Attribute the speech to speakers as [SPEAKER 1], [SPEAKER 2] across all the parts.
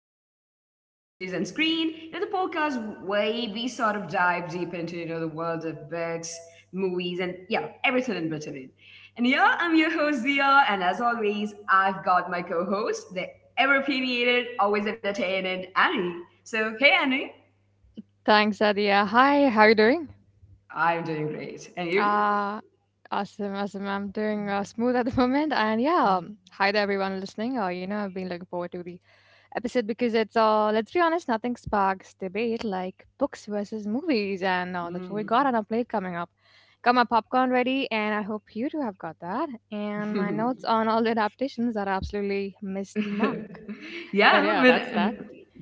[SPEAKER 1] episode of Pages and Screen, the podcast where we sort of dive deep into the world of books, movies, and yeah, everything in between. And yeah, I'm your host Zia, and as always, I've got my co-host, the ever opinionated, always entertaining Annie. So hey Annie,
[SPEAKER 2] Thanks, Adia. Hi, how are you doing?
[SPEAKER 1] I'm doing great, and you?
[SPEAKER 2] Uh, Awesome, awesome. I'm doing smooth at the moment. And yeah, hi to everyone listening. I've been looking forward to the episode because let's be honest, nothing sparks debate like books versus movies. And that's what we got on our plate coming up. Got my popcorn ready, and I hope you too have got that. And my
[SPEAKER 1] Mm.
[SPEAKER 2] notes on all the adaptations that absolutely missed the mark. But yeah,
[SPEAKER 1] Yeah,
[SPEAKER 2] that's
[SPEAKER 1] but
[SPEAKER 2] that.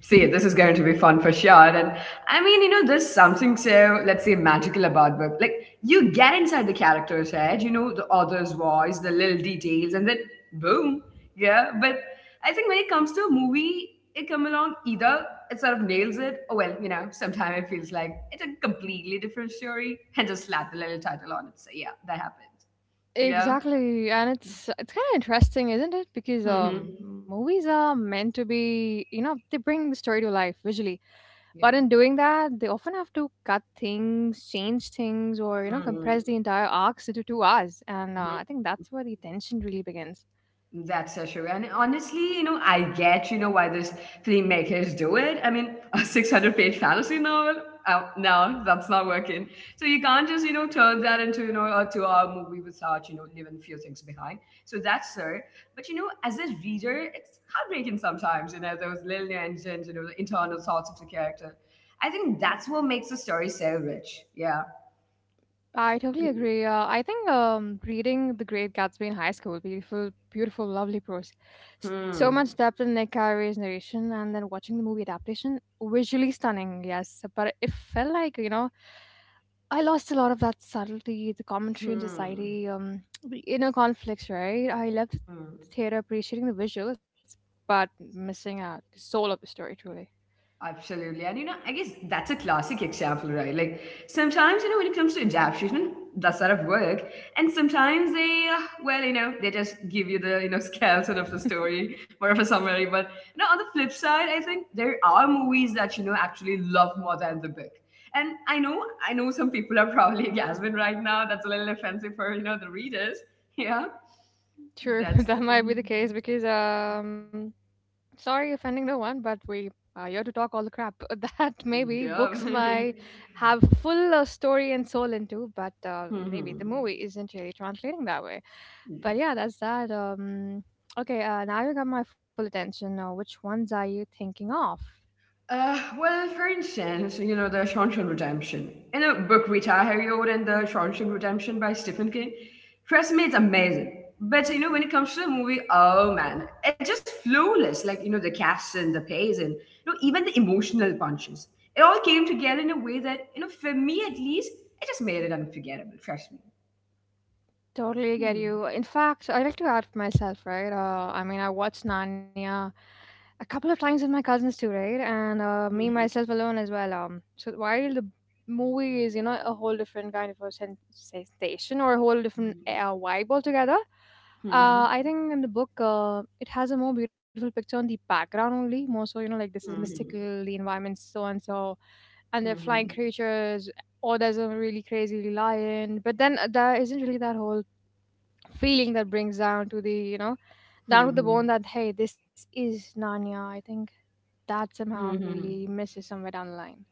[SPEAKER 1] see, this is going to be fun for sure. And I mean, you know, there's something so, let's say, magical about book. Like, you get inside the character's head, you know, the author's voice, the little details, and then boom. Yeah, but I think when it comes to a movie, it come along either it sort of nails it, or well, you know, sometimes it feels like it's a completely different story and just slap the little title on it. So yeah, that happens. Yeah.
[SPEAKER 2] Exactly, and it's kind of interesting, isn't it? Because
[SPEAKER 1] hmm
[SPEAKER 2] movies are meant to be, you know, they bring the story to life visually, but
[SPEAKER 1] Yeah.
[SPEAKER 2] in doing that, they often have to cut things, change things, or you know,
[SPEAKER 1] Mhm.
[SPEAKER 2] compress the entire arcs into 2 hours, and I think that's where the tension really begins.
[SPEAKER 1] That's so true. And honestly, you know, I get, you know, why these filmmakers do it. I mean, a 600-page fantasy novel? Oh, no, that's not working. So you can't just, you know, turn that into, you know, a 2 hour movie without, you know, leaving a few things behind. So that's so. But, you know, as a reader, it's heartbreaking sometimes, you know, those little nuances, you know, the internal thoughts of the character. I think that's what makes the story so rich. Yeah.
[SPEAKER 2] I totally agree. I think reading The Great Gatsby in high school, beautiful, beautiful, lovely prose, so
[SPEAKER 1] Hmm.
[SPEAKER 2] much depth in Nick Carraway's narration, and then watching the movie adaptation, visually stunning, yes, but it felt like you know I lost a lot of that subtlety, the commentary in
[SPEAKER 1] Hmm.
[SPEAKER 2] society, the inner conflicts, right? I left the
[SPEAKER 1] Hmm.
[SPEAKER 2] theater appreciating the visuals, but missing out the soul of the story, truly.
[SPEAKER 1] Absolutely. And you know, I guess that's a classic example, right? Like sometimes, you know, when it comes to adaptation, that's out of work. And sometimes they well, you know, they just give you the, you know, skeleton of the story, more of a summary. But, you know, on the flip side, I think there are movies that, you know, actually love more than the book. And I know some people are probably gasping right now. That's a little offensive for, you know, the readers. Yeah.
[SPEAKER 2] True,
[SPEAKER 1] That's
[SPEAKER 2] that
[SPEAKER 1] the,
[SPEAKER 2] might be the case because Sorry, offending no one, but we are here to talk all the crap that maybe
[SPEAKER 1] yeah.
[SPEAKER 2] books might have full story and soul into, but maybe the
[SPEAKER 1] Mhm.
[SPEAKER 2] movie isn't really translating that way. But yeah, that's that. Okay, Now you got my full attention. Now, which ones are you thinking of?
[SPEAKER 1] Well, for instance, you know, the Shawshank Redemption. In a book, Rita Hayworth and the Shawshank Redemption by Stephen King, trust me, it's amazing. But, you know, when it comes to the movie, oh man, it's just flawless. Like, you know, the cast and the pace and, you know, even the emotional punches. It all came together in a way that, you know, for me at least, it just made it unforgettable. Trust me.
[SPEAKER 2] Totally get you.
[SPEAKER 1] Hmm.
[SPEAKER 2] In fact, I like to add myself, right? I mean, I watched Narnia a couple of times with my cousins too, right? And me myself alone as well. So while the movie is you know a whole different kind of a sensation or a whole different
[SPEAKER 1] Hmm.
[SPEAKER 2] vibe altogether,
[SPEAKER 1] Hmm. Hmm.
[SPEAKER 2] I think in the book it has a more beautiful picture on the background only, more so you know like this is
[SPEAKER 1] Hmm.
[SPEAKER 2] mystical, the environment so and so, and they're flying
[SPEAKER 1] Hmm.
[SPEAKER 2] creatures. Or there's a really crazy lion, but then there isn't really that whole feeling that brings down to the you know down to
[SPEAKER 1] Hmm.
[SPEAKER 2] the bone
[SPEAKER 1] Hmm.
[SPEAKER 2] that hey, this is Narnia. I think that
[SPEAKER 1] Hmm.
[SPEAKER 2] somehow
[SPEAKER 1] Hmm.
[SPEAKER 2] really misses somewhere down the line.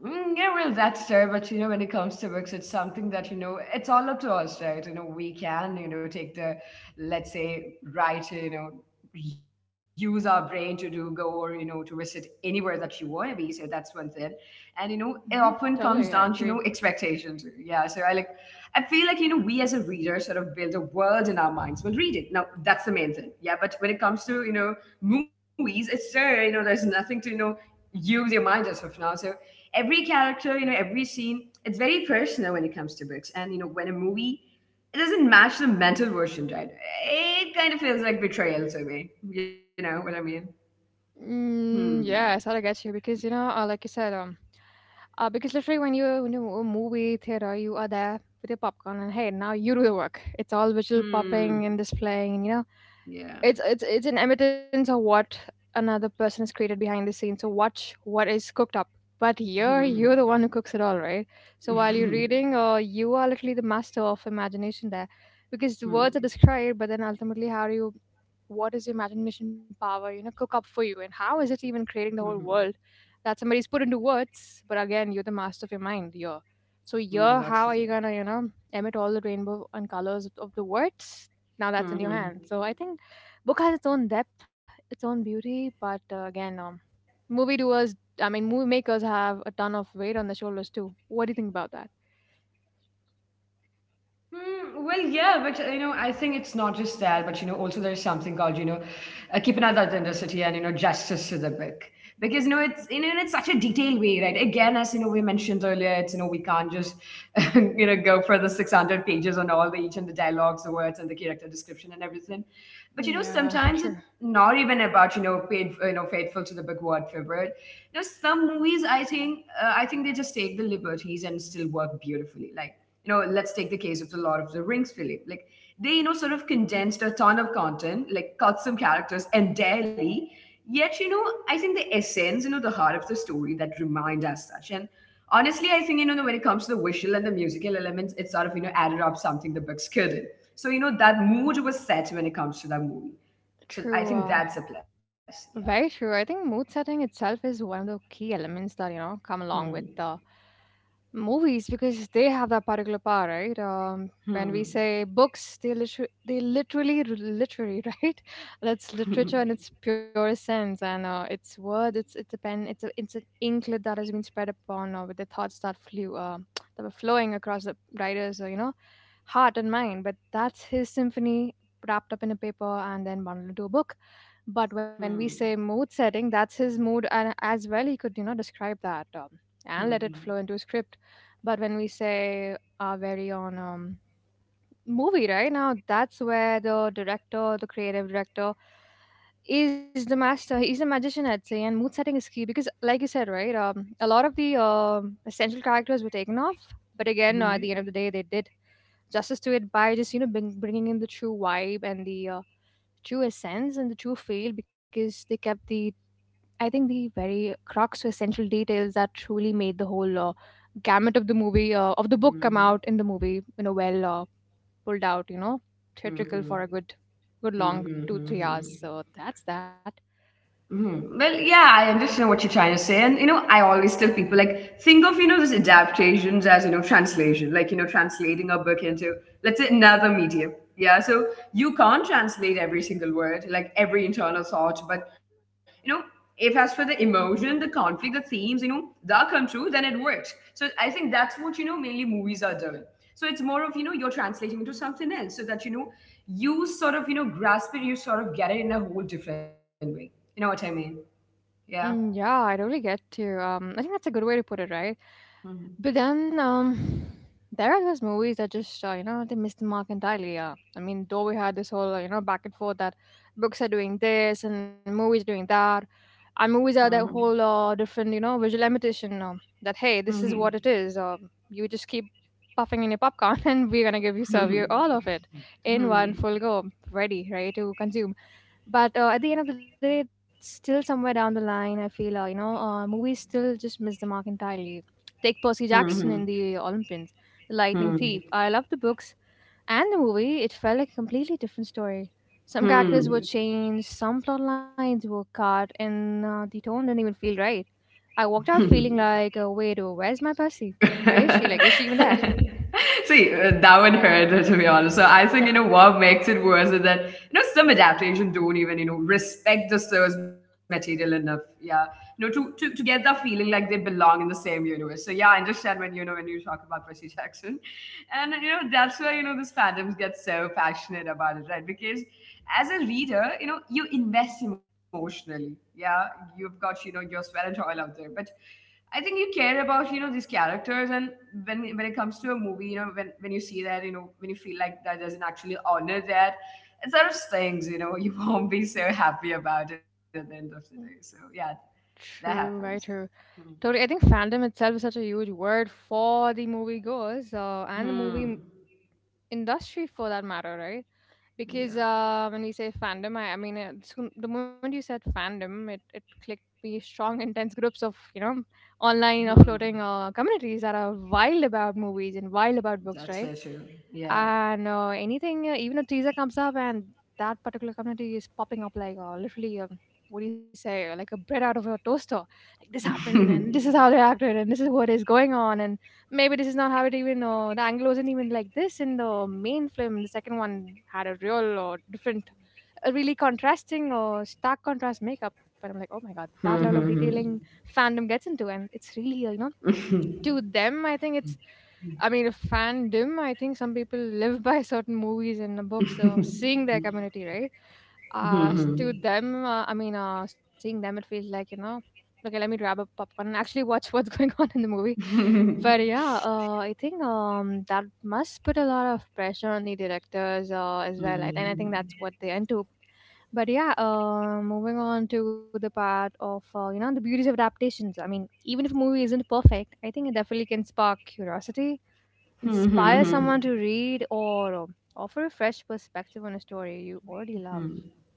[SPEAKER 1] Mm, yeah, well, that's fair. But you know, when it comes to books, it's something that you know, it's all up to us, right? You know, we can, you know, take the, let's say, right, you know, use our brain to do go or you know to visit anywhere that you want to be. So that's one thing, and you know, it often
[SPEAKER 2] hmm
[SPEAKER 1] comes down to
[SPEAKER 2] Totally, I agree.
[SPEAKER 1] expectations. Yeah, so I like, I feel like you know, we as a reader sort of build a world in our minds while reading. Now that's the main thing. Yeah, but when it comes to movies, it's there. You know, there's nothing to use your mind as of now. So every character, you know, every scene, it's very personal when it comes to books. And, you know, when a movie it doesn't match the mental version, right? It kind of feels like betrayal to me. You know what I mean?
[SPEAKER 2] Mm,
[SPEAKER 1] Hmm.
[SPEAKER 2] yeah, I sort of get you because you know, like you said, because literally, when you a movie theater, you are there with your popcorn, and hey, now you do the work. It's all visual
[SPEAKER 1] Hmm.
[SPEAKER 2] popping and displaying. You know,
[SPEAKER 1] Yeah.
[SPEAKER 2] it's an evidence of what another person has created behind the scenes, so watch what is cooked up, but you're
[SPEAKER 1] Hmm.
[SPEAKER 2] you're the one who cooks it all right. So while you're
[SPEAKER 1] Hmm.
[SPEAKER 2] reading, you are literally the master of imagination there, because the words are
[SPEAKER 1] Hmm.
[SPEAKER 2] described, but then ultimately how do you, what is the imagination power you know cook up for you, and how is it even creating
[SPEAKER 1] Hmm.
[SPEAKER 2] the whole
[SPEAKER 1] Hmm.
[SPEAKER 2] world that somebody's put into words? But again, you're the master of your mind, you're, so you're
[SPEAKER 1] Yeah,
[SPEAKER 2] how are
[SPEAKER 1] that's it.
[SPEAKER 2] you gonna you know emit all the rainbow and colors of the words. Now that's in your
[SPEAKER 1] Hmm.
[SPEAKER 2] hand.
[SPEAKER 1] hmm.
[SPEAKER 2] So I think book has its own depth, its own beauty, but again movie doers I mean movie makers have a ton of weight on their shoulders too. What do you think about that?
[SPEAKER 1] Hmm, well, yeah, but you know, I think it's not just that, but you know, also there is something called keep another authenticity and you know, justice to the book because it's it's such a detailed way, right? Again, as you know, we mentioned earlier, it's you know we can't just you know go for the 600 pages on all the each and the dialogues, the words, and the character description and everything, but you know sometimes it's
[SPEAKER 2] Yeah,
[SPEAKER 1] not
[SPEAKER 2] true.
[SPEAKER 1] even about you know paid you know faithful to the book word favorite. You know, some movies I think they just take the liberties and still work beautifully, like you know let's take the case of the Lord of the Rings philip like they you know sort of condensed a ton of content like cut some characters entirely yet you know I think the essence you know the heart of the story that remained as such and honestly I think you know when it comes to the visual and the musical elements it sort of you know added up something the books couldn't so you know that mood was set when it comes to that movie so I
[SPEAKER 2] true
[SPEAKER 1] think
[SPEAKER 2] uh,
[SPEAKER 1] that's a plus yeah.
[SPEAKER 2] Very true. I think mood setting itself is one of the key elements that, you know, come along with
[SPEAKER 1] Hmm.
[SPEAKER 2] the movies, because they have that particular power, right? When we say
[SPEAKER 1] Hmm.
[SPEAKER 2] books, they literally, literary, right? That's literature in its purest sense, and it's word, it's a pen, it's an inklet that has been spread upon with the thoughts that flew, that were flowing across the writer's, heart and mind. But that's his symphony wrapped up in a paper and then bundled into a book. But when
[SPEAKER 1] Hmm.
[SPEAKER 2] we say mood setting, that's his mood, and as well, he could, you know, describe that and let it flow into a
[SPEAKER 1] Hmm.
[SPEAKER 2] script. But when we say our very own movie right now, that's where the director, the creative director, is the master. He's a magician, I'd say, and mood setting is key because like you said right a lot of the essential characters were taken off, but again at the end of the
[SPEAKER 1] Hmm.
[SPEAKER 2] day
[SPEAKER 1] Hmm.
[SPEAKER 2] they did justice to it by just you know bringing in the true vibe and the true essence and the true feel, because they kept the, I think, the very crux or essential details that truly made the whole gamut of the movie of the book come
[SPEAKER 1] Hmm.
[SPEAKER 2] out in the
[SPEAKER 1] Hmm.
[SPEAKER 2] movie. You know, pulled out you know theatrical for a
[SPEAKER 1] Hmm.
[SPEAKER 2] good
[SPEAKER 1] Hmm.
[SPEAKER 2] good long two
[SPEAKER 1] Hmm.
[SPEAKER 2] three hours so
[SPEAKER 1] Hmm.
[SPEAKER 2] that's that.
[SPEAKER 1] Mhm. Well, yeah, I understand what you're trying to say, and you know, I always tell people like think of you know these adaptations as you know translation, like you know translating a book into let's say another medium. Yeah, so you can't translate every single word, like every internal thought, but you know, if as for the emotion, the conflict, the themes, you know, that come true, then it works. So I think that's what you know mainly movies are doing so it's more of you know you're translating into something else so that you know you sort of you know grasp it you sort of get it in a whole different way you know what I mean yeah.
[SPEAKER 2] Mm, yeah, I really get to. I think that's a good way to put it, right?
[SPEAKER 1] Mhm.
[SPEAKER 2] But then, there are those movies that just, they missed the mark entirely. Yeah, I mean, though we had this whole, back and forth that books are doing this and movies doing that, and movies are that whole different, you know, visual imitation. That hey,
[SPEAKER 1] Mhm.
[SPEAKER 2] this is what it
[SPEAKER 1] Mhm.
[SPEAKER 2] is. You just keep puffing in your popcorn, and we're gonna give you serve
[SPEAKER 1] Mhm.
[SPEAKER 2] you all of it in one
[SPEAKER 1] Mhm.
[SPEAKER 2] full go, ready to consume, but at the end of the day, still somewhere down the line I feel movies still just miss the mark entirely. Take Percy Jackson in the Olympians, The Lightning
[SPEAKER 1] Mhm.
[SPEAKER 2] Thief. I love the books, and the movie, it felt like a completely different story. Some characters were
[SPEAKER 1] Mhm.
[SPEAKER 2] changed, some plot lines were cut, and the tone didn't even feel right. I walked out
[SPEAKER 1] Mhm.
[SPEAKER 2] feeling like wait, oh, where's my Percy? Where is she? Like is she even there?
[SPEAKER 1] See, that one
[SPEAKER 2] Yeah.
[SPEAKER 1] hurt, to be honest. So I think, you know, what makes it worse is that, you know, some adaptation don't even, you know, respect the source material enough. Yeah. You know, to get that feeling like they belong in the same universe. So yeah, I understand when, you know, when you talk about Percy Jackson. And, you know, that's why, you know, this fandoms get so passionate about it, right? Because as a reader, you know, you invest emotionally. Yeah, you've got, you know, your sweat and toil out there. But I think you care about, you know, these characters. And when it comes to a movie, you know, when you see that, you know, when you feel like that doesn't actually honor that, it sort of stings, you know, you won't be so happy about it at the end of the day. So, yeah, that
[SPEAKER 2] true
[SPEAKER 1] happens.
[SPEAKER 2] Very true.
[SPEAKER 1] Hmm.
[SPEAKER 2] Totally. I think fandom itself is such a huge word for the moviegoers and the movie
[SPEAKER 1] Hmm.
[SPEAKER 2] industry for that matter, right? Because
[SPEAKER 1] Yeah.
[SPEAKER 2] when we say fandom, I mean, soon, the moment you said fandom, it clicked me strong, intense groups of, you know, online or
[SPEAKER 1] Hmm.
[SPEAKER 2] floating communities that are wild about movies and wild about books,
[SPEAKER 1] That's
[SPEAKER 2] right?
[SPEAKER 1] so true. Yeah.
[SPEAKER 2] And anything, even a teaser comes up, and that particular community is popping up like literally, what do you say, like a bread out of a toaster. Like this
[SPEAKER 1] Hmm.
[SPEAKER 2] happened and this is how they acted and this is what is going on. And maybe this is not how it even the angle wasn't even like this in the main film. The second one had a real different, a really contrasting or stark contrast makeup, and I'm like oh my god, that level of
[SPEAKER 1] Hmm.
[SPEAKER 2] detailing fandom gets into, and it's really
[SPEAKER 1] Hmm.
[SPEAKER 2] to them I think it's, I mean fandom, I think some people live by certain movies and the books. So seeing their community, right,
[SPEAKER 1] Mhm.
[SPEAKER 2] to them I mean seeing them it feels like you know okay let me grab a popcorn and actually watch what's going on in the movie.
[SPEAKER 1] Mhm.
[SPEAKER 2] But yeah I think that must put a lot of pressure on the directors as well. And I think
[SPEAKER 1] Mhm.
[SPEAKER 2] that's what they're into. But yeah moving on to the part of the beauties of adaptations, I mean even if a movie isn't perfect, I think it definitely can spark curiosity, inspire
[SPEAKER 1] Mhm.
[SPEAKER 2] someone to read or offer a fresh perspective on a story you already love.
[SPEAKER 1] Hmm.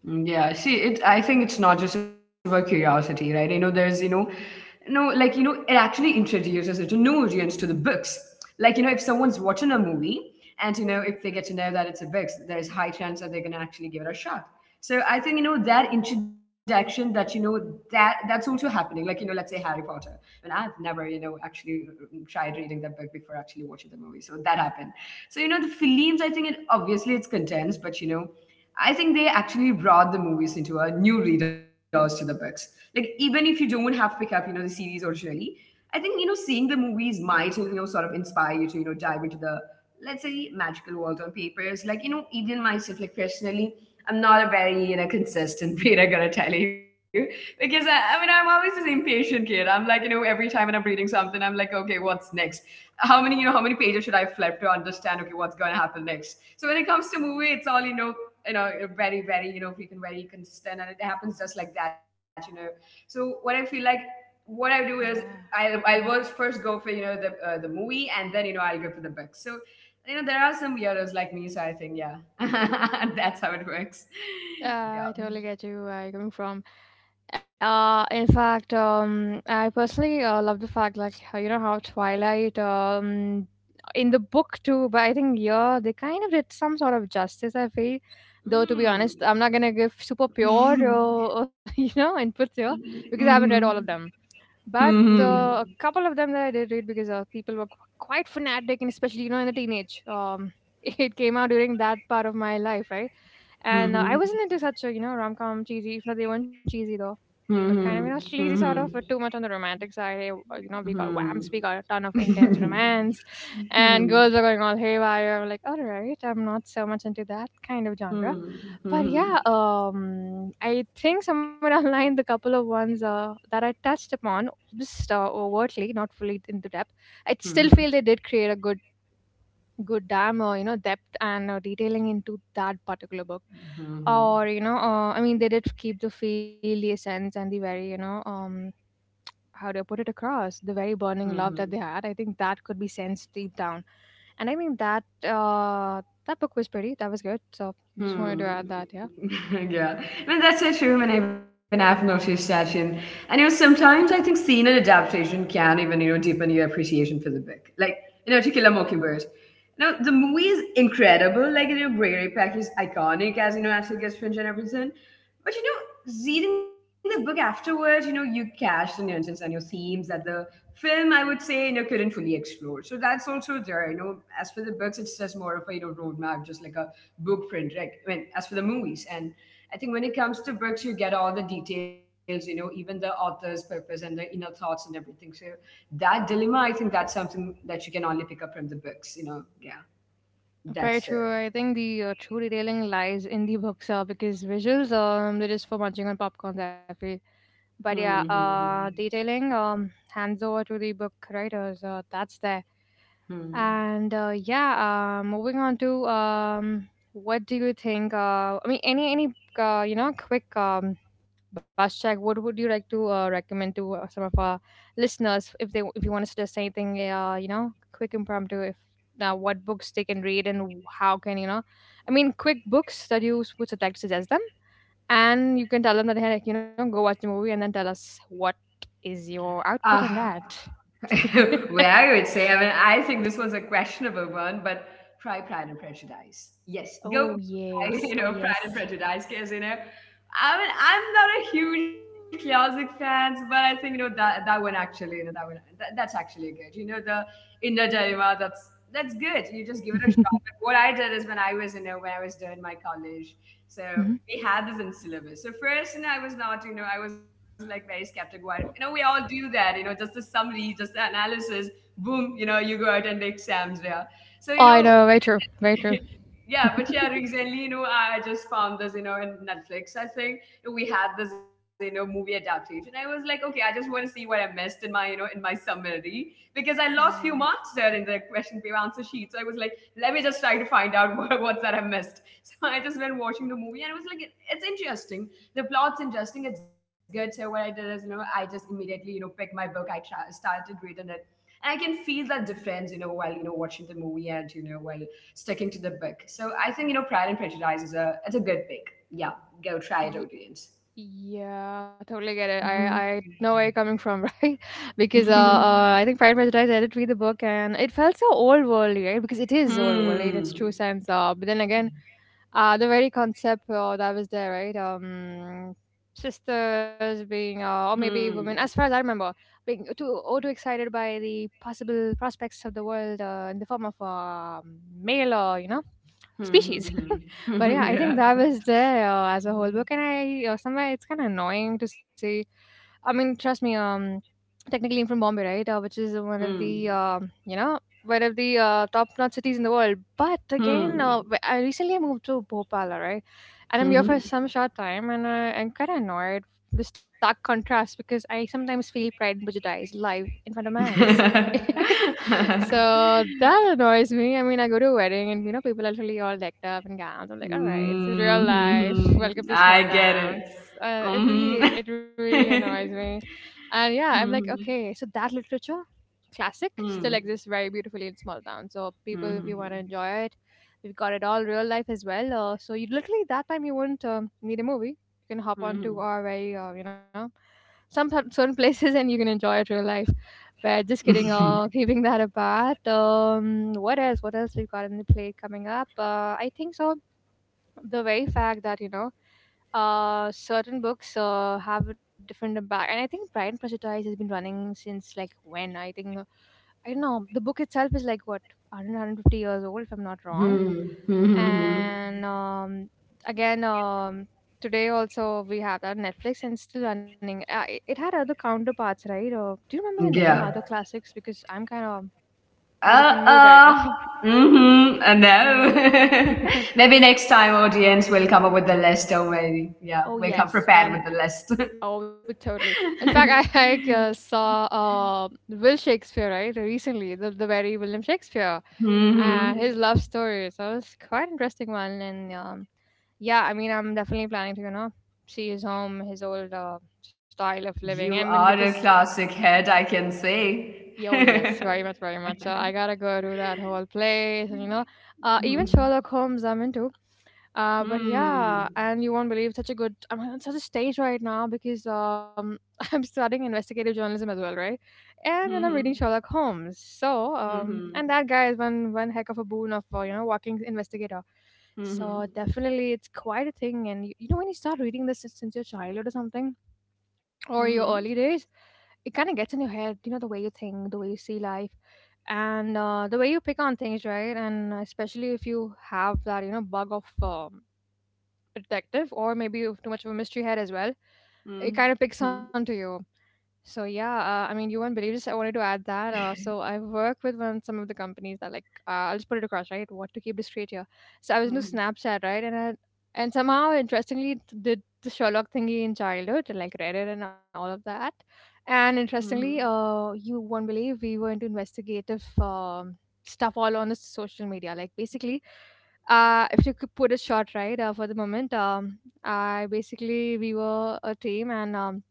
[SPEAKER 1] Mm, yeah, see, it. I think it's not just about curiosity, right? You know, there's, you know, no, like, you know, it actually introduces a new audience to the books. Like, you know, if someone's watching a movie and, you know, if they get to know that it's a book, there's high chance that they're going to actually give it a shot. So I think, you know, that introduction that, you know, that that's also happening. Like, you know, let's say Harry Potter. And I've never, you know, actually tried reading that book before actually watching the movie. So that happened. So, you know, the films, I think it obviously it's contents, but, you know, I think they actually brought the movies into a new readers to the books. Like even if you don't have to pick up, you know, the series originally, I think you know seeing the movies might you know sort of inspire you to you know dive into the let's say magical world on papers. Like you know even myself like personally, I'm not a very you know consistent reader. I gotta tell you because I mean I'm always this impatient kid. I'm like you know every time when I'm reading something, I'm like okay what's next? How many you know how many pages should I flip to understand okay what's going to happen next so when it comes to movie it's all you know very you know freaking very consistent and it happens just like that you know so what I feel like what I do is
[SPEAKER 2] Yeah.
[SPEAKER 1] I will
[SPEAKER 2] Mhm.
[SPEAKER 1] first go for you know the movie and then you know I'll go for the book so you know there are some weirdos like me so I think yeah. That's how it works yeah.
[SPEAKER 2] I totally get you where you're coming from. In fact, I personally love the fact, like you know how Twilight, in the book too, but I think yeah, they kind of did some sort of justice. I feel, though, to be honest,
[SPEAKER 1] Mm.
[SPEAKER 2] I'm not gonna give super pure, you know, inputs here because I haven't read
[SPEAKER 1] Mhm.
[SPEAKER 2] all of them. But
[SPEAKER 1] Mhm.
[SPEAKER 2] a couple of them that I did read because people were quite fanatic, and especially you know in the teenage, it came out during that part of my life, right? And I
[SPEAKER 1] Mhm.
[SPEAKER 2] wasn't into such a, you know, rom com cheesy, if not they weren't cheesy though, but
[SPEAKER 1] Mhm.
[SPEAKER 2] kind of, you know, cheesy
[SPEAKER 1] Mhm.
[SPEAKER 2] sort of, too much on the romantic side. We got
[SPEAKER 1] Mhm.
[SPEAKER 2] whams, we got a ton of intense
[SPEAKER 1] Mhm.
[SPEAKER 2] romance, and
[SPEAKER 1] Mhm.
[SPEAKER 2] girls were going all haywire. I'm like, all right, I'm not so much into that kind of genre.
[SPEAKER 1] Mhm.
[SPEAKER 2] But
[SPEAKER 1] Mhm.
[SPEAKER 2] I think somewhere online, the couple of ones that I touched upon, just overtly, not fully into depth, I still
[SPEAKER 1] Mhm.
[SPEAKER 2] feel they did create a good good damn you know depth and detailing into that particular book or I mean they did keep the feel, the essence, and the very how do I put it across, the very burning love that
[SPEAKER 1] Mhm.
[SPEAKER 2] they had. I think that could be sensed deep down, and I think that book was pretty that was good. So just wanted
[SPEAKER 1] Mhm.
[SPEAKER 2] to add that yeah
[SPEAKER 1] Yeah, I mean that's so true. And even I've noticed that, and you know, sometimes I think seeing an adaptation can even you know deepen your appreciation for the book. Like you know, To Kill a Mockingbird. Now the movie is incredible. Like Gregory Peck is iconic as as it gets Finch and everything. But reading the book afterwards, you catch the nuances and your themes that the film, I would say, couldn't fully explore. So that's also there. As for the books, it's just more of a, roadmap, just like a book print, right? I mean, as for the movies. And I think when it comes to books, you get all the details, even the author's purpose and the inner thoughts and everything. So that dilemma, I think that's something that you can only pick up from the books. Yeah,
[SPEAKER 2] Very
[SPEAKER 1] that's it.
[SPEAKER 2] true. I think the true detailing lies in the books, because visuals they're just for munching on popcorns, I feel. But
[SPEAKER 1] Hmm,
[SPEAKER 2] yeah,
[SPEAKER 1] hmm, hmm.
[SPEAKER 2] detailing hands over to the book writers. That's there.
[SPEAKER 1] Hmm.
[SPEAKER 2] And moving on to, what do you think? I mean, any you know quick bus check. What would you like to recommend to some of our listeners if you want to suggest anything? You know, quick impromptu. If Now what books they can read, and how can you know? I mean, quick books that you would like to suggest them, and you can tell them that, hey, like, you know, go watch the movie, and then tell us what is your
[SPEAKER 1] Ah,
[SPEAKER 2] output on that.
[SPEAKER 1] where I would say, I mean, I think this was a questionable one, but try Pride and Prejudice. Yes, go,
[SPEAKER 2] Oh yes, oh
[SPEAKER 1] Pride
[SPEAKER 2] yes.
[SPEAKER 1] and Prejudice, because, I mean, I'm not a huge classic fans, but I think, that that one actually, that one, that's actually good. The Inder Jariwal. That's good. You just give it a shot. But what I did is when I was, when I was doing my college, so
[SPEAKER 2] Mhm.
[SPEAKER 1] we had this in syllabus. So first, I was not, I was like very skeptical. We all do that, just the summary, just the analysis, boom, you go out and the exams there. So,
[SPEAKER 2] Oh, I know, very true, very true.
[SPEAKER 1] yeah, but yeah, recently, I just found this, in Netflix, I think. We had this, movie adaptation. I was like, okay, I just want to see what I missed in my, in my summary because I lost few
[SPEAKER 2] Yeah,
[SPEAKER 1] marks there in the question paper answer sheet. So I was like, let me just try to find out what's that I missed. So I just went watching the movie and it was like, it's interesting. The plot's interesting. It's good. So what I did is, I just immediately, picked my book. I started reading it. And I can feel that difference, while, watching the movie and, while sticking to the book. So I think Pride and Prejudice is a it's a good pick. Yeah, go try it, audience.
[SPEAKER 2] yeah, totally get it.
[SPEAKER 1] Hmm.
[SPEAKER 2] I know where you're coming from, right? Because
[SPEAKER 1] Hmm.
[SPEAKER 2] I think Pride and Prejudice, I did read the book and it felt so old worldly, right? Because it is old worldly in
[SPEAKER 1] Hmm.
[SPEAKER 2] its true sense. But then again, the very concept that was there, right? Sisters being, or maybe women, as far as I remember, being too, or too excited by the possible prospects of the world in the form of male, or you know,
[SPEAKER 1] Hmm.
[SPEAKER 2] species.
[SPEAKER 1] Hmm.
[SPEAKER 2] But yeah,
[SPEAKER 1] Hmm.
[SPEAKER 2] I
[SPEAKER 1] Yeah.
[SPEAKER 2] think that was there as a whole book, and I somewhere it's kind of annoying to see. I mean, trust me. Technically I'm from Bombay, right? Which is one of
[SPEAKER 1] Hmm.
[SPEAKER 2] the one of the top-notch cities in the world. But again,
[SPEAKER 1] Hmm.
[SPEAKER 2] I recently moved to Bhopal, right? And I'm here for
[SPEAKER 1] Mhm.
[SPEAKER 2] some short time, and I'm kind of annoyed the stark contrast, because I sometimes feel pride budgetized live in front of my eyes. So that annoys me. I mean, I go to a wedding, and you know, people are literally all decked up in gowns. I'm like, all right, this is real life.
[SPEAKER 1] Mhm.
[SPEAKER 2] Welcome to
[SPEAKER 1] I
[SPEAKER 2] small
[SPEAKER 1] get it.
[SPEAKER 2] towns. It
[SPEAKER 1] Um.
[SPEAKER 2] really, it really annoys me, and yeah, I'm like,
[SPEAKER 1] Mhm.
[SPEAKER 2] okay, so that literature, classic,
[SPEAKER 1] Mhm.
[SPEAKER 2] still exists very beautifully in small towns. So people, if you want to enjoy it, we've got it all real life as well. So you literally that time you will not need a movie. You can
[SPEAKER 1] Mhm.
[SPEAKER 2] hop
[SPEAKER 1] Mhm.
[SPEAKER 2] onto our very certain places and you can enjoy it real life. But just kidding.
[SPEAKER 1] Mhm.
[SPEAKER 2] Keeping that apart. What else? What else we've got in the plate coming up? I think so the very fact that certain books have a different impact, and I think Pride and Prejudice has been running since like when, I think, I don't know, the book itself is like what, 100 years old, if I'm not wrong.
[SPEAKER 1] Mhm. Mhm.
[SPEAKER 2] And again today also we have that on Netflix and still running. It it had other counterparts, right? Do you remember
[SPEAKER 1] Yeah.
[SPEAKER 2] the name, other classics, because I'm kind of
[SPEAKER 1] Uh,
[SPEAKER 2] in a different mood
[SPEAKER 1] uh,
[SPEAKER 2] right now.
[SPEAKER 1] mm-hmm. No.
[SPEAKER 2] Yeah.
[SPEAKER 1] Maybe next time, audience, we'll come up with the list, or maybe, yeah, we'll
[SPEAKER 2] Oh
[SPEAKER 1] come prepared
[SPEAKER 2] yes.
[SPEAKER 1] with the
[SPEAKER 2] And
[SPEAKER 1] list.
[SPEAKER 2] oh, totally. In fact, I saw Will Shakespeare, right, recently, the very William Shakespeare, and his
[SPEAKER 1] Mm-hmm.
[SPEAKER 2] love story. So it was quite interesting one. And yeah, I mean, I'm definitely planning to, you know, see his home, his old style of
[SPEAKER 1] You
[SPEAKER 2] living. I
[SPEAKER 1] are a
[SPEAKER 2] mean, because
[SPEAKER 1] classic head, I can say.
[SPEAKER 2] yo,
[SPEAKER 1] Hmm.
[SPEAKER 2] yes, very much, very much. So I gotta go to that whole place, and you know, even Sherlock Holmes I'm into. But
[SPEAKER 1] Hmm.
[SPEAKER 2] yeah, and you won't believe such a good. I'm on such a stage right now because I'm studying investigative journalism as well, right? And then I'm
[SPEAKER 1] Hmm.
[SPEAKER 2] reading Sherlock Holmes.
[SPEAKER 1] Hmm.
[SPEAKER 2] And that guy is one heck of a boon of you know, walking investigator.
[SPEAKER 1] Hmm.
[SPEAKER 2] So definitely, it's quite a thing. And you know, when you start reading this since your childhood or something,
[SPEAKER 1] Hmm.
[SPEAKER 2] or your early days, it kind of gets in your head, you know, the way you think, the way you see life, and the way you pick on things, right? And especially if you have that, you know, bug of detective, or maybe you have too much of a mystery head as well, it kind
[SPEAKER 1] Hmm.
[SPEAKER 2] of picks onto you. So yeah, I mean, you won't believe this. I wanted to add that. So I work with one some of the companies that like, I'll just put it across, right? What to keep it straight here. So I was into
[SPEAKER 1] Hmm.
[SPEAKER 2] Snapchat, right? And somehow interestingly did the Sherlock thingy in childhood and like read it and all of that. And
[SPEAKER 1] Hmm.
[SPEAKER 2] interestingly, you won't believe we were into investigative stuff all on the social media. Like basically, if you could put it short, right? For the moment, I basically we were a team, and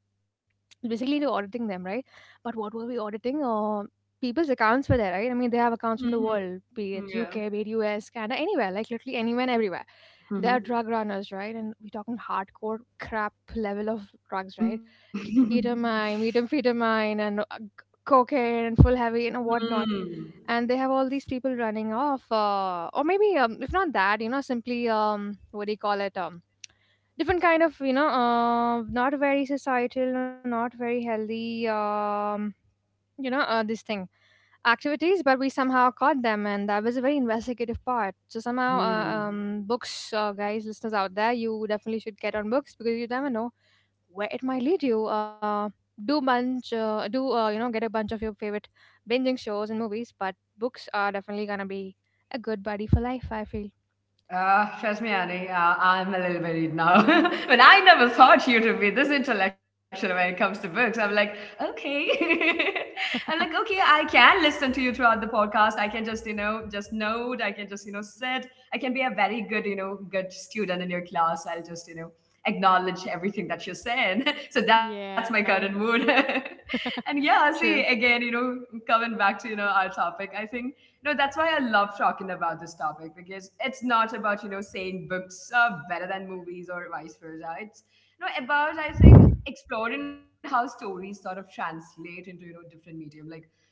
[SPEAKER 2] basically they were auditing them, right? But what were we auditing? People's accounts were there, right? I mean, they have accounts from the
[SPEAKER 1] Hmm.
[SPEAKER 2] world, be it
[SPEAKER 1] Yeah.
[SPEAKER 2] UK, be it US, Canada, anywhere, like literally anywhere and everywhere. They are
[SPEAKER 1] Hmm.
[SPEAKER 2] drug runners, right? And we're talking hardcore crap level of drugs, right? Ketamine, methamphetamine, and cocaine, and full heavy, and whatnot.
[SPEAKER 1] Hmm.
[SPEAKER 2] And they have all these people running off, or maybe if not that, you know, simply what do you call it? Different kind of, you know, not very societal, not very healthy, this thing activities. But we somehow caught them, and that was a very investigative part. So somehow,
[SPEAKER 1] Hmm.
[SPEAKER 2] books, guys, listeners out there, you definitely should get on books, because you never know where it might lead you. Do, you know, get a bunch of your favorite binging shows and movies, but books are definitely gonna be a good buddy for life, I feel.
[SPEAKER 1] Trust me, Annie, I'm a little worried now. But I never thought you to be this intellectual when it comes to books. I'm like, okay. I'm like, okay, I can listen to you throughout the podcast. I can just, just note. I can just, sit. I can be a very good student in your class. I'll just, acknowledge everything that you said. So that's my current
[SPEAKER 2] Yeah,
[SPEAKER 1] mood. And yeah, see,
[SPEAKER 2] true.
[SPEAKER 1] again, coming back to, our topic, I think. No, that's why I love talking about this topic because it's not about, saying books are better than movies or vice versa. It's about I think exploring how stories sort of translate into, different medium. Like,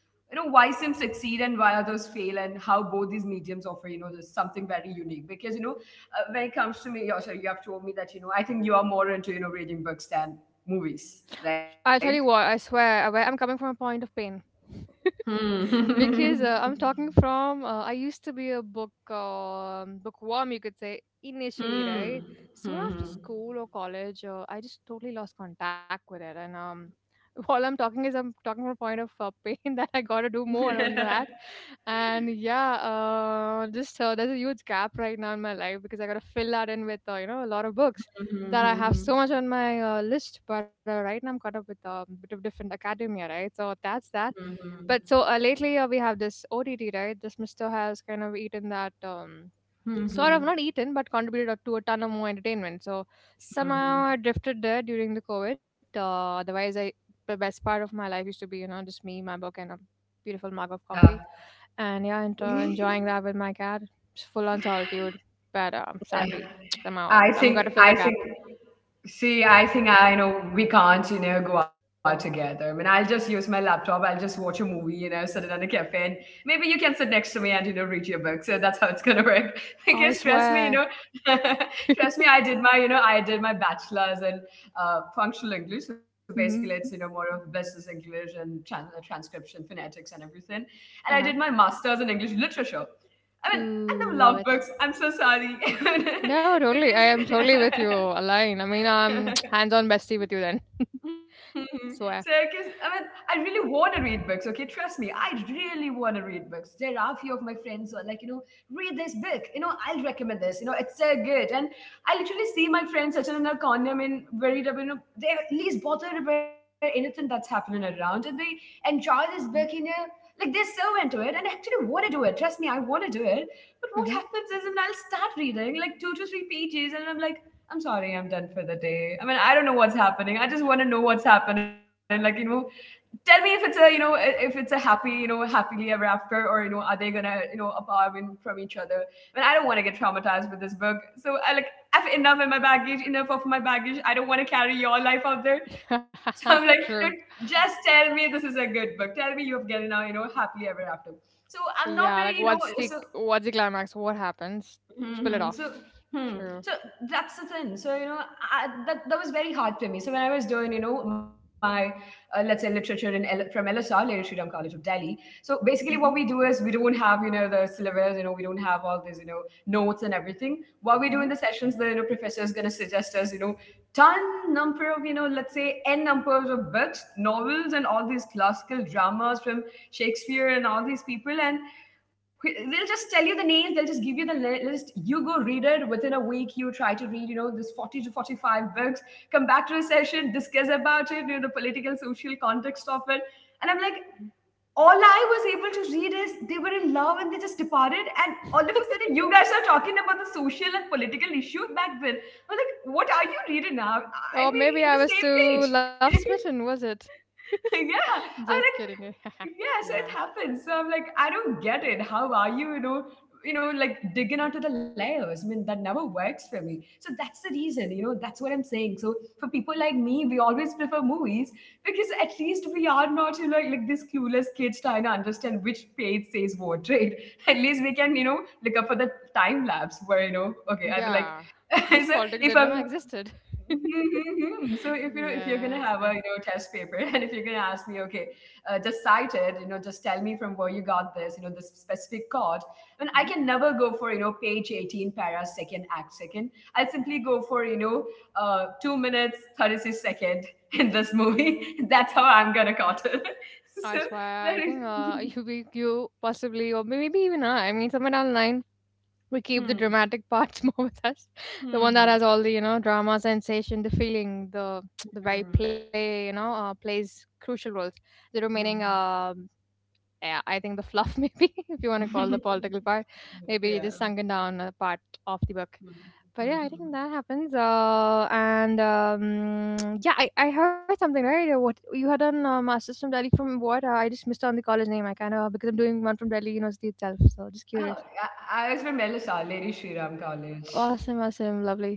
[SPEAKER 1] why some succeed and why others fail and how both these mediums offer, there's something very unique. Because, when it comes to me, also you have told me that, I think you are more into, reading books than movies, right?
[SPEAKER 2] I tell you what, I swear, where I'm coming from a point of pain,
[SPEAKER 1] Hmm.
[SPEAKER 2] because I'm talking from I used to be a bookworm, you could say, initially,
[SPEAKER 1] Hmm.
[SPEAKER 2] right? Soon after
[SPEAKER 1] Hmm.
[SPEAKER 2] school or college, I just totally lost contact with it, and all I'm talking is I'm talking from a point of pain that I gotta do
[SPEAKER 1] Hmm.
[SPEAKER 2] more on that, and yeah, just there's a huge gap right now in my life because I gotta fill that in with you know, a lot of books.
[SPEAKER 1] Mhm,
[SPEAKER 2] That I have so
[SPEAKER 1] mhm,
[SPEAKER 2] much on my list, but right now I'm caught up with a bit of different academia, right? So that's that.
[SPEAKER 1] mhm,
[SPEAKER 2] But so lately we have this OTT, right? This Mister has kind of eaten that,
[SPEAKER 1] mhm,
[SPEAKER 2] sort of
[SPEAKER 1] mhm.
[SPEAKER 2] not eaten, but contributed up to a ton of more entertainment. So
[SPEAKER 1] Hmm.
[SPEAKER 2] somehow I drifted there during the COVID. Otherwise, I the best part of my life used to be, you know, just me, my book, and a beautiful mug of coffee, and yeah, enjoying that with my cat. It's full on solitude, but
[SPEAKER 1] Yeah.
[SPEAKER 2] sadly, somehow
[SPEAKER 1] I
[SPEAKER 2] um, I'm
[SPEAKER 1] think
[SPEAKER 2] gonna fill the
[SPEAKER 1] I
[SPEAKER 2] gap.
[SPEAKER 1] think see, I think I know we can't, go out together. I mean, I'll just use my laptop, I'll just watch a movie, sit in a cafe and maybe you can sit next to me and, read your book. So that's how it's gonna work. Because
[SPEAKER 2] I
[SPEAKER 1] trust me.
[SPEAKER 2] swear.
[SPEAKER 1] Trust me, I did my bachelor's in functional English. So basically it's,
[SPEAKER 2] Mm-hmm.
[SPEAKER 1] more of business English and transcription, phonetics and everything. And I did
[SPEAKER 2] Uh
[SPEAKER 1] my
[SPEAKER 2] huh.
[SPEAKER 1] master's in English literature. I mean, I don't love
[SPEAKER 2] Ooh, love it.
[SPEAKER 1] books. I'm so sorry
[SPEAKER 2] No, totally. I am
[SPEAKER 1] because
[SPEAKER 2] totally with you, Align. I mean, I'm
[SPEAKER 1] yeah.
[SPEAKER 2] hands-on bestie with you then.
[SPEAKER 1] Mhm. So,
[SPEAKER 2] Swear.
[SPEAKER 1] because I mean, I really want to read books. Okay, trust me, I really want to read books. There are a few of my friends who are like, read this book. I'll recommend this. It's so good. And I literally see my friends such in a condom and worried about, they're at least bothered about anything that's happening around, and they enjoy this book. Like they're so into it, and I actually want to do it. Trust me, I want to do it. But what happens is, when I'll start reading like two to three pages, and I'm like I'm sorry, I'm done for the day. I mean, I don't know what's happening. I just want to know what's happening. Like, tell me if it's a, if it's a happy, happily ever after, or, are they gonna, apart from each other? I mean, I don't want to get traumatized with this book. So I like, I've enough in my baggage, enough of my baggage. I don't want to carry your life out there. So I'm like,
[SPEAKER 2] Mm-hmm.
[SPEAKER 1] no,
[SPEAKER 2] True.
[SPEAKER 1] just tell me this is a good book. Tell me you have getting now, happily ever after. So I'm not
[SPEAKER 2] Yeah,
[SPEAKER 1] very,
[SPEAKER 2] like
[SPEAKER 1] so.
[SPEAKER 2] what's the climax? What happens? Spill it
[SPEAKER 1] Hmm.
[SPEAKER 2] off.
[SPEAKER 1] So, hmm.
[SPEAKER 2] True.
[SPEAKER 1] So that's the thing. So that that was very hard for me. So when I was doing, my let's say literature in from LSR, Lady Sri Ram College of Delhi. So basically, what we
[SPEAKER 2] Mm-hmm.
[SPEAKER 1] do is we don't have the syllabus. We don't have all these notes and everything. What we do in
[SPEAKER 2] Mm-hmm.
[SPEAKER 1] the sessions, the professor is gonna suggest us ton number of let's say n numbers of books, novels, and all these classical dramas from Shakespeare and all these people, and they'll just tell you the names. They'll just give you the list. You go read it within a week. You try to read this 40 to 45 books. Come back to a session, discuss about it, the political social context of it. And I'm like, all I was able to read is they were in love and they just departed, and all of a sudden you guys are talking about the social and political issues back then. I'm like, what are you reading now? I
[SPEAKER 2] Or
[SPEAKER 1] mean,
[SPEAKER 2] maybe
[SPEAKER 1] in
[SPEAKER 2] I
[SPEAKER 1] the
[SPEAKER 2] was
[SPEAKER 1] same
[SPEAKER 2] too love
[SPEAKER 1] page.
[SPEAKER 2] smitten, was it?
[SPEAKER 1] Yeah,
[SPEAKER 2] Just
[SPEAKER 1] I'm like,
[SPEAKER 2] kidding.
[SPEAKER 1] yeah, so it
[SPEAKER 2] Yeah.
[SPEAKER 1] happens. So I'm like, I don't get it. How are you, you know like, digging out to the layers? I mean that never works for me. So that's the reason, that's what I'm saying. So for people like me, we always prefer movies, because at least we are not like these clueless kids trying to understand which page says what, right? At least we can look up for the time lapse where, okay, I will like.
[SPEAKER 2] Yeah. This
[SPEAKER 1] So
[SPEAKER 2] political
[SPEAKER 1] if I'm.
[SPEAKER 2] dilemma existed.
[SPEAKER 1] Mhm, mhm. So if if you're gonna
[SPEAKER 2] Yeah.
[SPEAKER 1] have a test paper, and if you're gonna ask me, okay, just cite it, just tell me from where you got this, this specific chord, and I
[SPEAKER 2] Mhm.
[SPEAKER 1] can never go for page 18, para second, act second. I'll simply go for two minutes thirty six second in this movie. That's how I'm gonna cut it.
[SPEAKER 2] I
[SPEAKER 1] So
[SPEAKER 2] swear, I
[SPEAKER 1] that is.
[SPEAKER 2] think you possibly, or maybe even I mean, somewhere down the line, we keep the
[SPEAKER 1] Hmm.
[SPEAKER 2] dramatic parts more with us, the one that
[SPEAKER 1] Hmm.
[SPEAKER 2] has all the drama, sensation, the feeling, the the very
[SPEAKER 1] Hmm.
[SPEAKER 2] play plays crucial roles. The remaining
[SPEAKER 1] Hmm.
[SPEAKER 2] yeah, I think the fluff maybe, if you want to call the political part, maybe the
[SPEAKER 1] Yeah.
[SPEAKER 2] sunken down part of the book.
[SPEAKER 1] Hmm.
[SPEAKER 2] But
[SPEAKER 1] Hmm.
[SPEAKER 2] yeah, I think
[SPEAKER 1] Hmm.
[SPEAKER 2] that happens and yeah, I heard something, right? What, you had done a master's from Delhi? From what? I just missed on the college name. I kind of, because I'm doing one from Delhi University itself, so just
[SPEAKER 1] Oh,
[SPEAKER 2] curious.
[SPEAKER 1] yeah, I was from LSR, Lady Sri Ram College.
[SPEAKER 2] Awesome, awesome, lovely.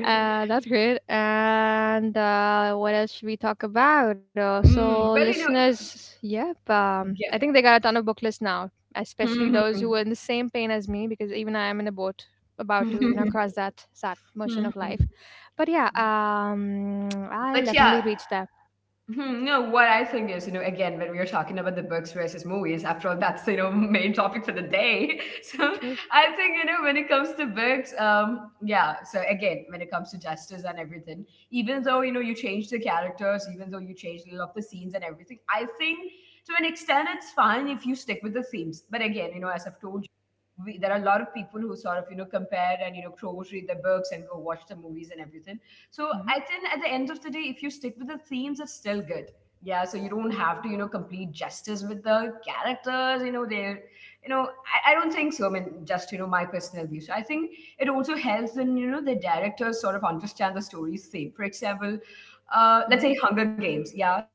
[SPEAKER 2] That's great. And what else should we talk about? So,
[SPEAKER 1] Mm, well,
[SPEAKER 2] listeners, yep, I
[SPEAKER 1] yeah.
[SPEAKER 2] think they got a ton of book lists now, especially
[SPEAKER 1] Mhm.
[SPEAKER 2] those who are in the same pain as me, because even I am in a boat about to, you know, cross that sad motion of
[SPEAKER 1] Mhm.
[SPEAKER 2] life. But yeah, I
[SPEAKER 1] But
[SPEAKER 2] definitely
[SPEAKER 1] yeah.
[SPEAKER 2] reached that.
[SPEAKER 1] Hmm, no, what I think is, again, when we are talking about the books versus movies, after all, that's, main topic for the day. So
[SPEAKER 2] True.
[SPEAKER 1] I think, when it comes to books, yeah. So again, when it comes to justice and everything, even though, you change the characters, even though you change a lot of the scenes and everything, I think to an extent it's fine if you stick with the themes. But again, as I've told you, there are a lot of people who sort of, compare and, cross read the books and go watch the movies and everything, so
[SPEAKER 2] Mm-hmm,
[SPEAKER 1] I think at the end of the day, if you stick with the themes, it's still good. Yeah, so you don't have to, complete justice with the characters, I don't think so. I mean, just my personal view. So I think it also helps when the directors sort of understand the story's theme. For example, let's
[SPEAKER 2] mm-hmm,
[SPEAKER 1] say Hunger Games. Yeah, so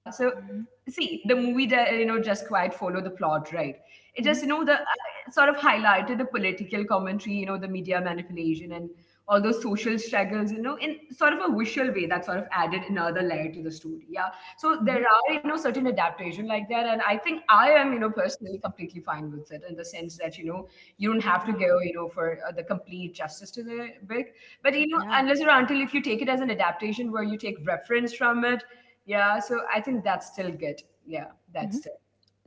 [SPEAKER 1] see the movie that just quite follow the plot, right? It just
[SPEAKER 2] mm-hmm,
[SPEAKER 1] the sort of highlighted the political commentary, the media manipulation and all those social struggles, in sort of a visual way that sort of added another layer to the story. Yeah.
[SPEAKER 2] mm-hmm.
[SPEAKER 1] So there are, certain adaptation like that. And I think I am, personally completely fine with it in the sense that, you don't have to
[SPEAKER 2] Yeah,
[SPEAKER 1] go, for the complete justice to the book. But,
[SPEAKER 2] yeah.
[SPEAKER 1] unless or until if you take it as an adaptation where you take reference from it. Yeah. So I think that's still good. Yeah.
[SPEAKER 2] Mm-hmm.
[SPEAKER 1] That's still.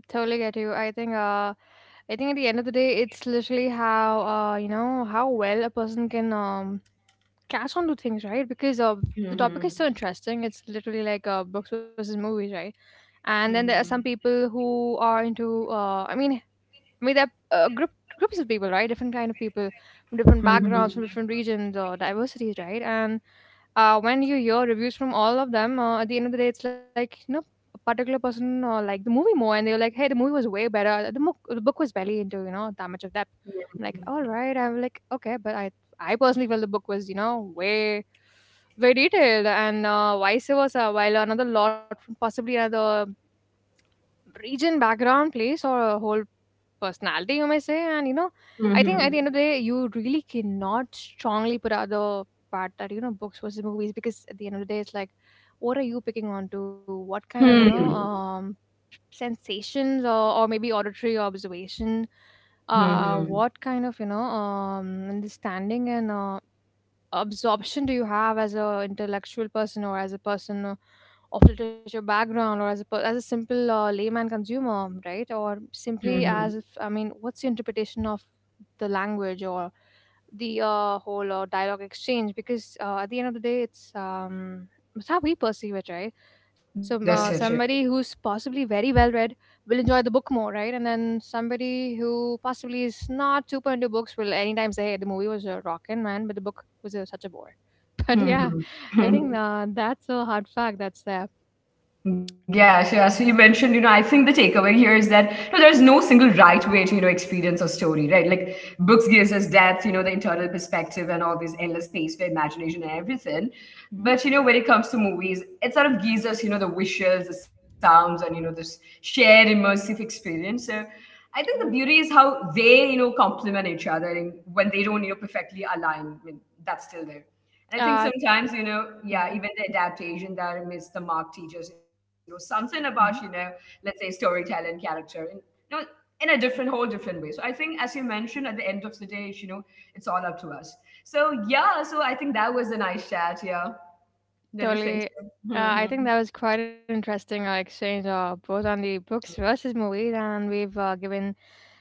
[SPEAKER 2] Totally get you. I think at the end of the day, it's literally how you know, how well a person can catch on to things, right? Because the
[SPEAKER 1] Hmm.
[SPEAKER 2] topic is so interesting. It's literally like books versus movies, right? And then there are some
[SPEAKER 1] Hmm.
[SPEAKER 2] people who are into I mean, they're groups of people, right? Different kind of people from different
[SPEAKER 1] Hmm.
[SPEAKER 2] backgrounds, from
[SPEAKER 1] Hmm.
[SPEAKER 2] different regions or diversities, right? And when you hear reviews from all of them, at the end of the day, it's like, you know, a particular person liked the movie more, and they were like, "Hey, the movie was way better. The book was barely into, you know, that much of depth." I'm like, "All right," I'm like, "Okay," but I personally felt the book was, you know, way very detailed, and vice versa. While another lot from possibly another region, background, place, or a whole personality, you may say. And you know, I think at the
[SPEAKER 1] Hmm.
[SPEAKER 2] end of the day, you really cannot strongly put out the part that, you know, books versus movies, because at the end of the day, it's like, what are you picking on? To what kind of, you know,
[SPEAKER 1] Hmm.
[SPEAKER 2] sensations, or maybe auditory observation,
[SPEAKER 1] Hmm.
[SPEAKER 2] what kind of, you know, understanding and absorption do you have, as a intellectual person, or as a person of literature background, or as a as a simple layman consumer, right? Or simply as, if
[SPEAKER 1] Hmm.
[SPEAKER 2] I mean, what's your interpretation of the language, or the whole dialogue exchange? Because at the end of the day, it's how we perceive it, right? So
[SPEAKER 1] That's so true.
[SPEAKER 2] somebody who's possibly very well read will enjoy the book more, right? And then somebody who possibly is not super into books will anytime say, "Hey, the movie was a rockin' man, but the book was a, such a bore." But yeah,
[SPEAKER 1] Mhm.
[SPEAKER 2] I think that's a hard fact that's there.
[SPEAKER 1] Yeah, sure. So you mentioned, I think the takeaway here is that there's no single right way to, experience a story, right? Like books gives us depth, the internal perspective and all this endless space for imagination and everything.
[SPEAKER 2] Hmm.
[SPEAKER 1] But when it comes to movies, it sort of gives us, the visuals, the sounds, and this shared immersive experience. So I think the
[SPEAKER 2] Yeah.
[SPEAKER 1] beauty is how they, complement each other and when they don't, perfectly align. I mean, that's still there. And I think
[SPEAKER 2] Uh,
[SPEAKER 1] sometimes, yeah,
[SPEAKER 2] yeah,
[SPEAKER 1] even the adaptation that I miss the mock teachers, something about,
[SPEAKER 2] hmm,
[SPEAKER 1] let's say storytelling, character, and you know, in a different, whole different way. So I think, as you mentioned, at the end of the day, it's all up to us. So yeah, so I think that was a nice chat. Yeah, don't you think
[SPEAKER 2] totally.
[SPEAKER 1] so?
[SPEAKER 2] I
[SPEAKER 1] Hmm.
[SPEAKER 2] think that was quite interesting exchange, both on the books versus movies, and we've given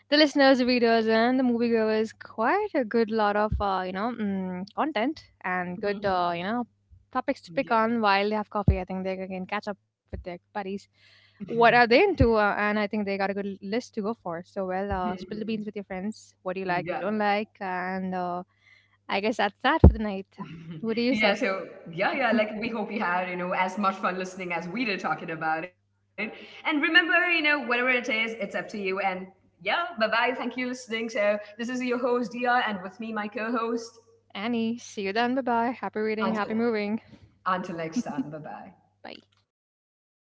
[SPEAKER 2] the listeners, the readers, and the moviegoers quite a good lot of content and good
[SPEAKER 1] Hmm.
[SPEAKER 2] you know, topics to pick
[SPEAKER 1] Yeah.
[SPEAKER 2] on while they have coffee. I think they can catch up with their buddies. What are they into? And I think they got a good list to go for. So well, spill the beans with your friends. What do you like? What you
[SPEAKER 1] Yeah.
[SPEAKER 2] don't like? And I guess that's that for the night. What do you
[SPEAKER 1] Yeah,
[SPEAKER 2] say,
[SPEAKER 1] so yeah, yeah, like we hope you had, as much fun listening as we did talking about it, and remember, whatever it is, it's up to you. And yeah, bye bye, thank you listening, so this is your host Dia, and with me my co-host,
[SPEAKER 2] Annie? See you then. Bye bye. Happy reading. Happy moving.
[SPEAKER 1] until until next time, bye
[SPEAKER 2] Bye.
[SPEAKER 1] bye.